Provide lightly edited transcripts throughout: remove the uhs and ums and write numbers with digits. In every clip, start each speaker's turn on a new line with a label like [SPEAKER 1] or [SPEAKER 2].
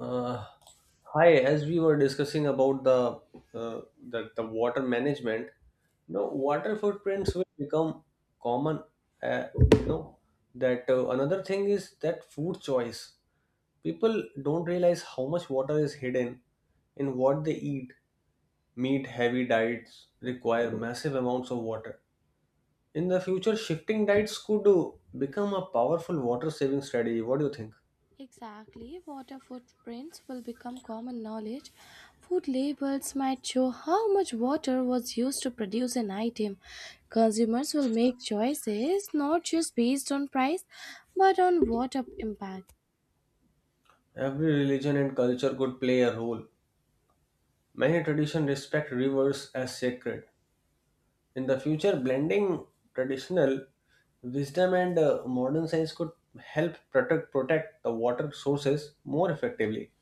[SPEAKER 1] Uh, hi, as we were discussing about uh, the water management, you know, water footprints will become common. Uh, you know that Another thing is that food choice. People don't realize how much water is hidden in what they eat. Meat heavy diets require massive amounts of water. In the future, shifting diets could become a powerful water saving strategy. What do you think?
[SPEAKER 2] Exactly, water footprints will become common knowledge. Food labels might show how much water was used to produce an item. Consumers will make choices not just based on price but on water impact.
[SPEAKER 1] Every religion and culture could play a role. Many traditions respect rivers as sacred. In the future, blending traditional wisdom and modern science could help protect the water sources more effectively.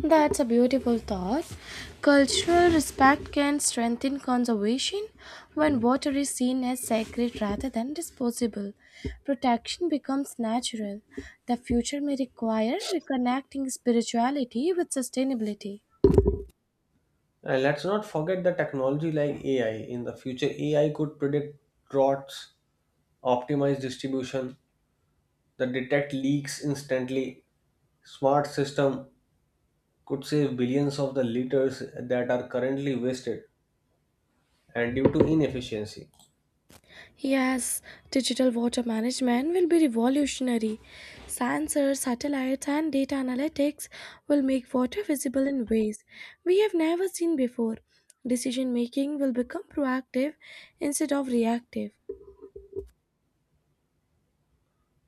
[SPEAKER 2] That's a beautiful thought. Cultural respect can strengthen conservation when water is seen as sacred rather than disposable. Protection becomes natural. The future may require reconnecting spirituality with sustainability.
[SPEAKER 1] And let's not forget the technology like AI. In the future, AI could predict droughts, optimize distribution, the detect leaks instantly. Smart system could save billions of the liters that are currently wasted and due to inefficiency.
[SPEAKER 2] Yes, digital water management will be revolutionary. Sensors, satellites, and data analytics will make water visible in ways we have never seen before. Decision making will become proactive instead of reactive.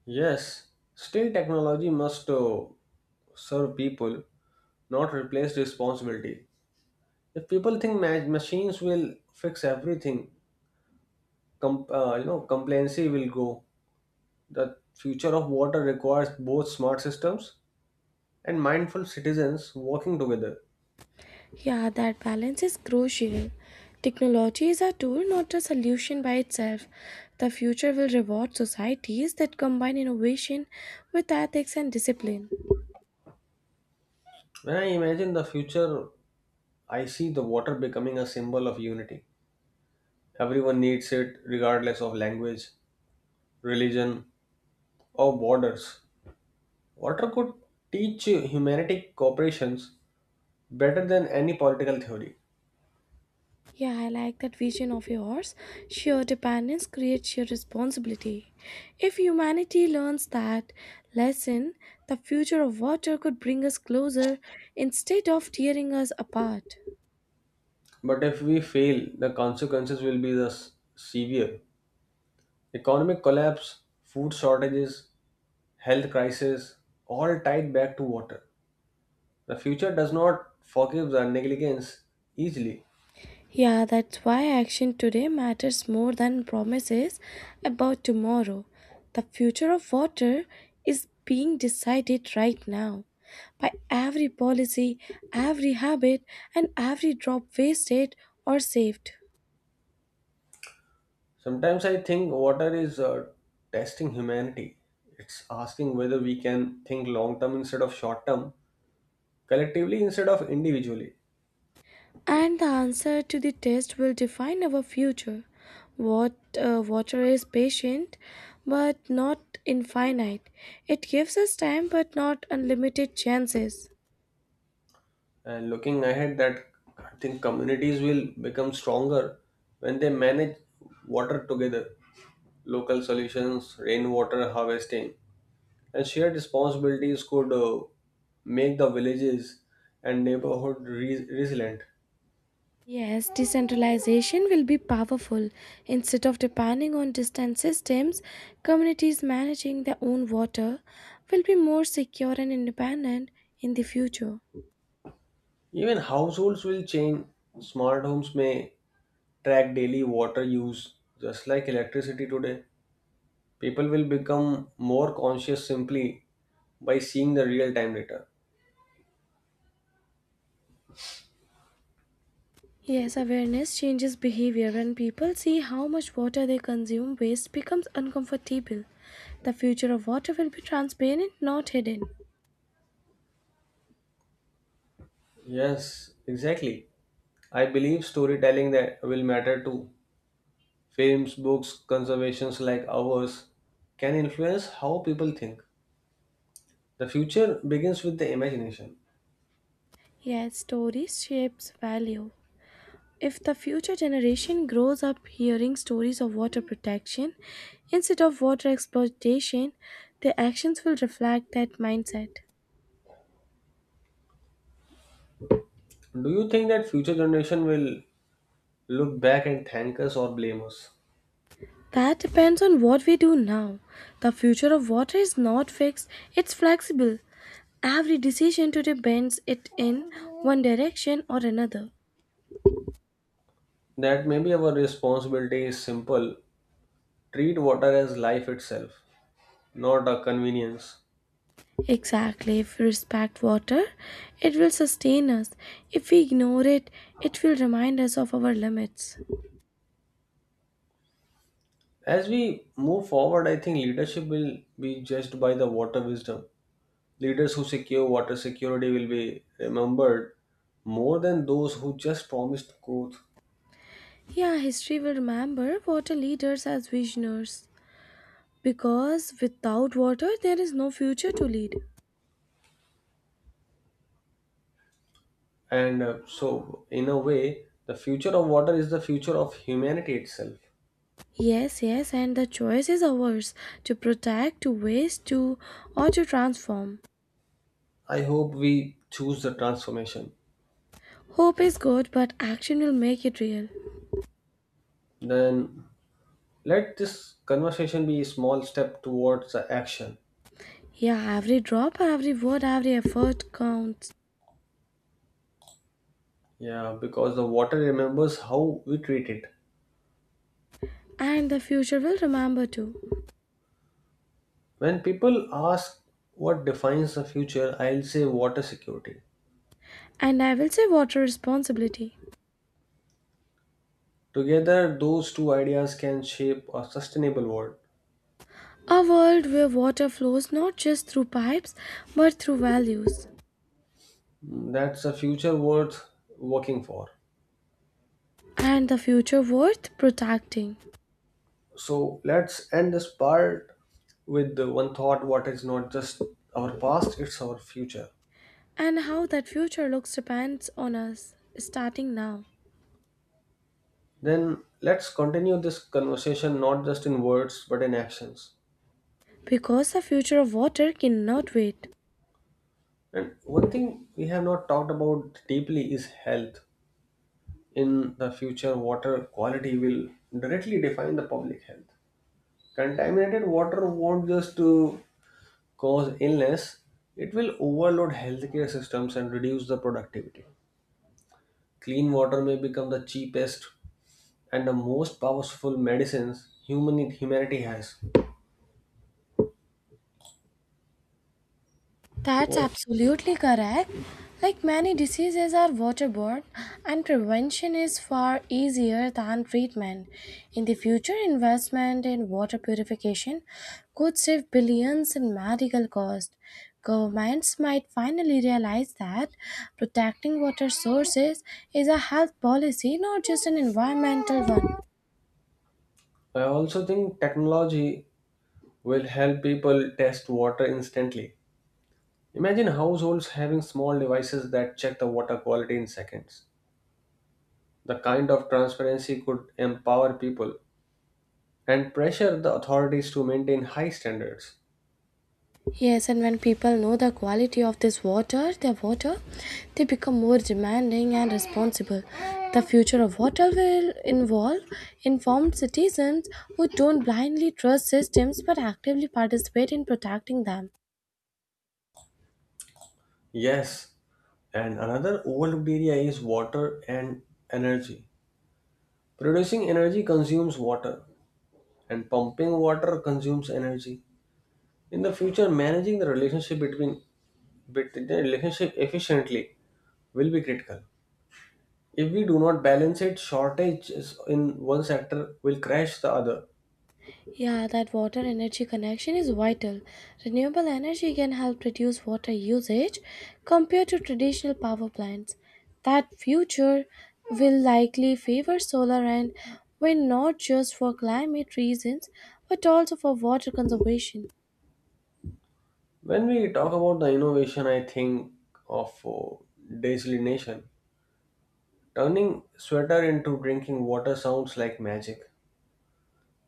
[SPEAKER 1] Yes, still technology must serve people, not replace responsibility. If people think machines will fix everything, complacency will go. The future of water requires both smart systems and mindful citizens working together.
[SPEAKER 2] Yeah, that balance is crucial. Technology is a tool, not a solution by itself. The future will reward societies that combine innovation with ethics and discipline.
[SPEAKER 1] When I imagine the future, I see the water becoming a symbol of unity. Everyone needs it, regardless of language, religion, or borders. Water could teach humanity cooperations better than any political theory.
[SPEAKER 2] Yeah, I like that vision of yours. Sheer dependence creates sheer responsibility. If humanity learns that lesson, the future of water could bring us closer instead of tearing us apart.
[SPEAKER 1] But if we fail, the consequences will be the severe. Economic collapse, food shortages, health crisis, all tied back to water. The future does not forgive the negligence easily.
[SPEAKER 2] Yeah, that's why action today matters more than promises about tomorrow. The future of water is being decided right now. By every policy, every habit, and every drop wasted or saved.
[SPEAKER 1] Sometimes I think water is testing humanity. It's asking whether we can think long term instead of short term, collectively instead of individually.
[SPEAKER 2] And the answer to the test will define our future. What water is patient but not infinite. It gives us time but not unlimited chances.
[SPEAKER 1] And looking ahead, that I think communities will become stronger when they manage water together. Local solutions, rainwater harvesting, and shared responsibilities could make the villages and neighborhood resilient.
[SPEAKER 2] Yes, decentralization will be powerful. Instead of depending on distant systems, communities managing their own water will be more secure and independent in the future.
[SPEAKER 1] Even households will change. Smart homes may track daily water use, just like electricity today. People will become more conscious simply by seeing the real time data.
[SPEAKER 2] Yes, awareness changes behavior. When people see how much water they consume, waste becomes uncomfortable. The future of water will be transparent, not hidden.
[SPEAKER 1] Yes, exactly. I believe storytelling that will matter too. Films, books, conservations like ours can influence how people think. The future begins with the imagination.
[SPEAKER 2] Yes, stories shapes value. If the future generation grows up hearing stories of water protection instead of water exploitation, their actions will reflect that mindset.
[SPEAKER 1] Do you think that future generation will look back and thank us or blame us?
[SPEAKER 2] That depends on what we do now. The future of water is not fixed, it's flexible. Every decision today bends it in one direction or another.
[SPEAKER 1] That maybe our responsibility is simple. Treat water as life itself, not a convenience.
[SPEAKER 2] Exactly, if we respect water, it will sustain us. If we ignore it, it will remind us of our limits.
[SPEAKER 1] As we move forward, I think leadership will be judged by the water wisdom. Leaders who secure water security will be remembered more than those who just promised growth.
[SPEAKER 2] Yeah, history will remember water leaders as visionaries. Because without water, there is no future to lead.
[SPEAKER 1] And so, in a way, the future of water is the future of humanity itself.
[SPEAKER 2] Yes, yes, and the choice is ours to protect, to waste, to, or to transform.
[SPEAKER 1] I hope we choose the transformation.
[SPEAKER 2] Hope is good, but action will make it real.
[SPEAKER 1] Then let this conversation be a small step towards the action.
[SPEAKER 2] Yeah, every drop, every word, every effort counts.
[SPEAKER 1] Yeah, because the water remembers how we treat it.
[SPEAKER 2] And the future will remember too.
[SPEAKER 1] When people ask what defines the future, I'll say water security.
[SPEAKER 2] And I will say water responsibility.
[SPEAKER 1] Together, those two ideas can shape a sustainable world.
[SPEAKER 2] A world where water flows not just through pipes but through values.
[SPEAKER 1] Mm, that's a future worth working for.
[SPEAKER 2] And the future worth protecting.
[SPEAKER 1] So let's end this part with the one thought what is not just our past, it's our future.
[SPEAKER 2] And how that future looks depends on us starting now.
[SPEAKER 1] Then let's continue this conversation not just in words but in actions.
[SPEAKER 2] Because the future of water cannot wait.
[SPEAKER 1] And one thing we have not talked about deeply is health. In the future, water quality will directly define the public health. Contaminated water won't just cause illness, it will overload healthcare systems and reduce the productivity. Clean water may become the cheapest and the most powerful medicines humanity has.
[SPEAKER 2] That's
[SPEAKER 1] What-
[SPEAKER 2] absolutely correct. Like many diseases are waterborne, and prevention is far easier than treatment. In the future, investment in water purification could save billions in medical costs. Governments might finally realize that protecting water sources is a health policy, not just an environmental one.
[SPEAKER 1] I also think technology will help people test water instantly. Imagine households having small devices that check the water quality in seconds. The kind of transparency could empower people and pressure the authorities to maintain high standards.
[SPEAKER 2] Yes, and when people know the quality of this water, their water, they become more demanding and responsible. The future of water will involve informed citizens who don't blindly trust systems but actively participate in protecting them.
[SPEAKER 1] Yes, and another overlooked area is water and energy. Producing energy consumes water, and pumping water consumes energy. In the future, managing the relationship efficiently will be critical. If we do not balance it, shortages in one sector will crash the other.
[SPEAKER 2] Yeah, that water energy connection is vital. Renewable energy can help reduce water usage compared to traditional power plants. That future will likely favor solar and wind not just for climate reasons but also for water conservation.
[SPEAKER 1] When we talk about the innovation, I think of desalination. Turning sweater into drinking water sounds like magic,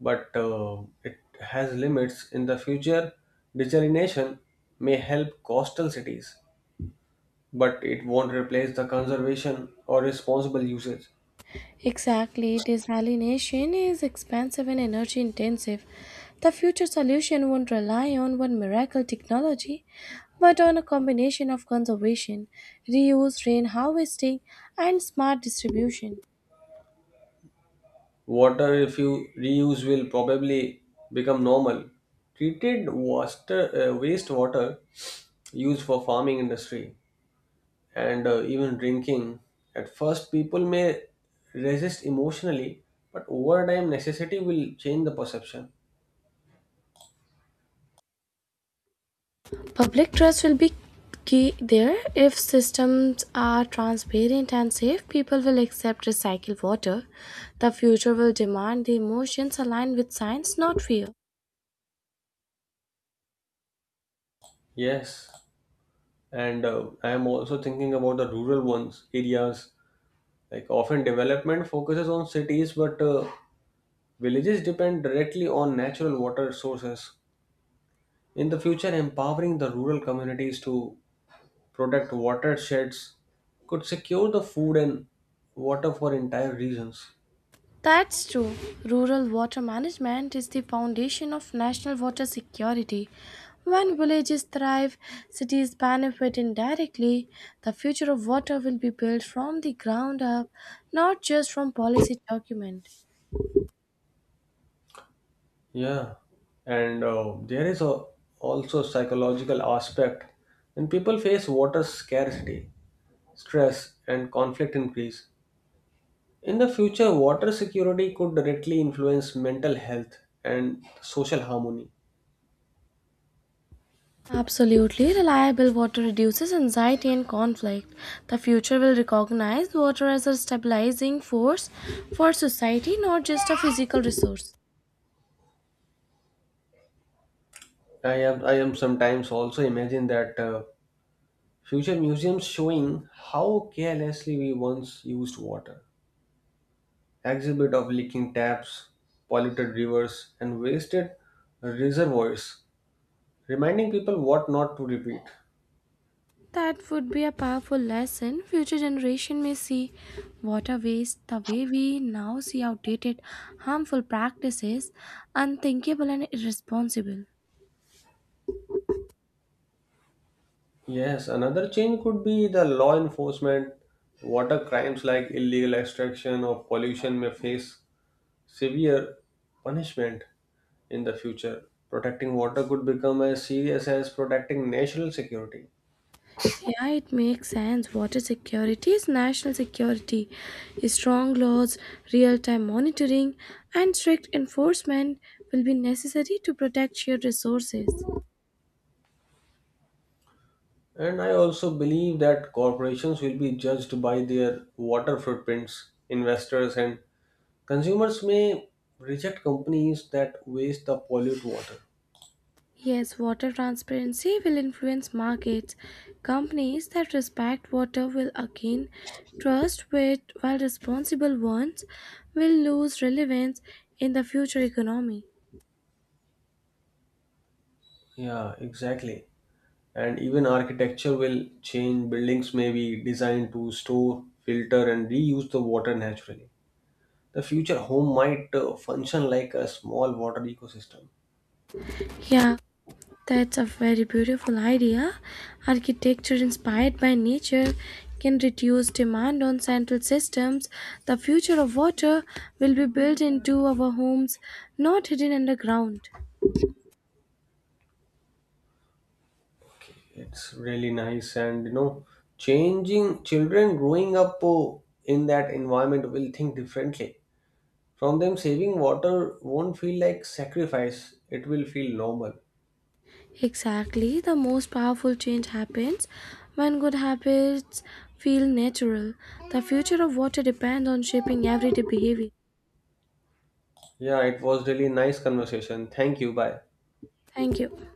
[SPEAKER 1] but it has limits. In the future, desalination may help coastal cities, but it won't replace the conservation or responsible usage.
[SPEAKER 2] Exactly, desalination is expensive and energy intensive. The future solution won't rely on one miracle technology, but on a combination of conservation, reuse, rain harvesting, and smart distribution.
[SPEAKER 1] Water, if you reuse, will probably become normal. Treated water, wastewater used for farming industry and even drinking. At first, people may resist emotionally, but over time, necessity will change the perception.
[SPEAKER 2] Public trust will be key there. If systems are transparent and safe, people will accept recycled water. The future will demand the emotions aligned with science, not fear.
[SPEAKER 1] Yes. And I am also thinking about the rural ones areas like often development focuses on cities but villages depend directly on natural water sources in the future empowering the rural communities to protect watersheds could secure the food and water for entire regions.
[SPEAKER 2] That's true. Rural water management is the foundation of national water security. When villages thrive, cities benefit indirectly. The future of water will be built from the ground up, not just from policy document.
[SPEAKER 1] Yeah, and there is a also psychological aspect when people face water scarcity stress and conflict increase. In the future, water security could directly influence mental health and social harmony.
[SPEAKER 2] Absolutely reliable water reduces anxiety and conflict. The future will recognize water as a stabilizing force for society, not just a physical resource.
[SPEAKER 1] I am sometimes also imagine that future museums showing how carelessly we once used water. Exhibit of leaking taps, polluted rivers, and wasted reservoirs, reminding people what not to repeat.
[SPEAKER 2] That would be a powerful lesson. Future generation may see water waste the way we now see outdated, harmful practices, unthinkable and irresponsible.
[SPEAKER 1] Yes, another change could be the law enforcement. Water crimes like illegal extraction or pollution may face severe punishment in the future. Protecting water could become as serious as protecting national security.
[SPEAKER 2] Yeah, it makes sense. Water security is national security. Strong laws, real time monitoring, and strict enforcement will be necessary to protect shared resources.
[SPEAKER 1] And I also believe that corporations will be judged by their water footprints. Investors and consumers may reject companies that waste or pollute water.
[SPEAKER 2] Yes, water transparency will influence markets. Companies that respect water will again trust with while responsible ones will lose relevance in the future economy.
[SPEAKER 1] Yeah, exactly. And even architecture will change. Buildings may be designed to store, filter, and reuse the water naturally. The future home might function like a small water ecosystem.
[SPEAKER 2] Yeah, that's a very beautiful idea. Architecture inspired by nature can reduce demand on central systems. The future of water will be built into our homes, not hidden underground.
[SPEAKER 1] It's really nice, and you know, changing children growing up in that environment will think differently. From them, saving water won't feel like sacrifice, it will feel normal.
[SPEAKER 2] Exactly, the most powerful change happens when good habits feel natural. The future of water depends on shaping everyday behavior.
[SPEAKER 1] Yeah, it was really nice conversation. Thank you. Bye.
[SPEAKER 2] Thank you.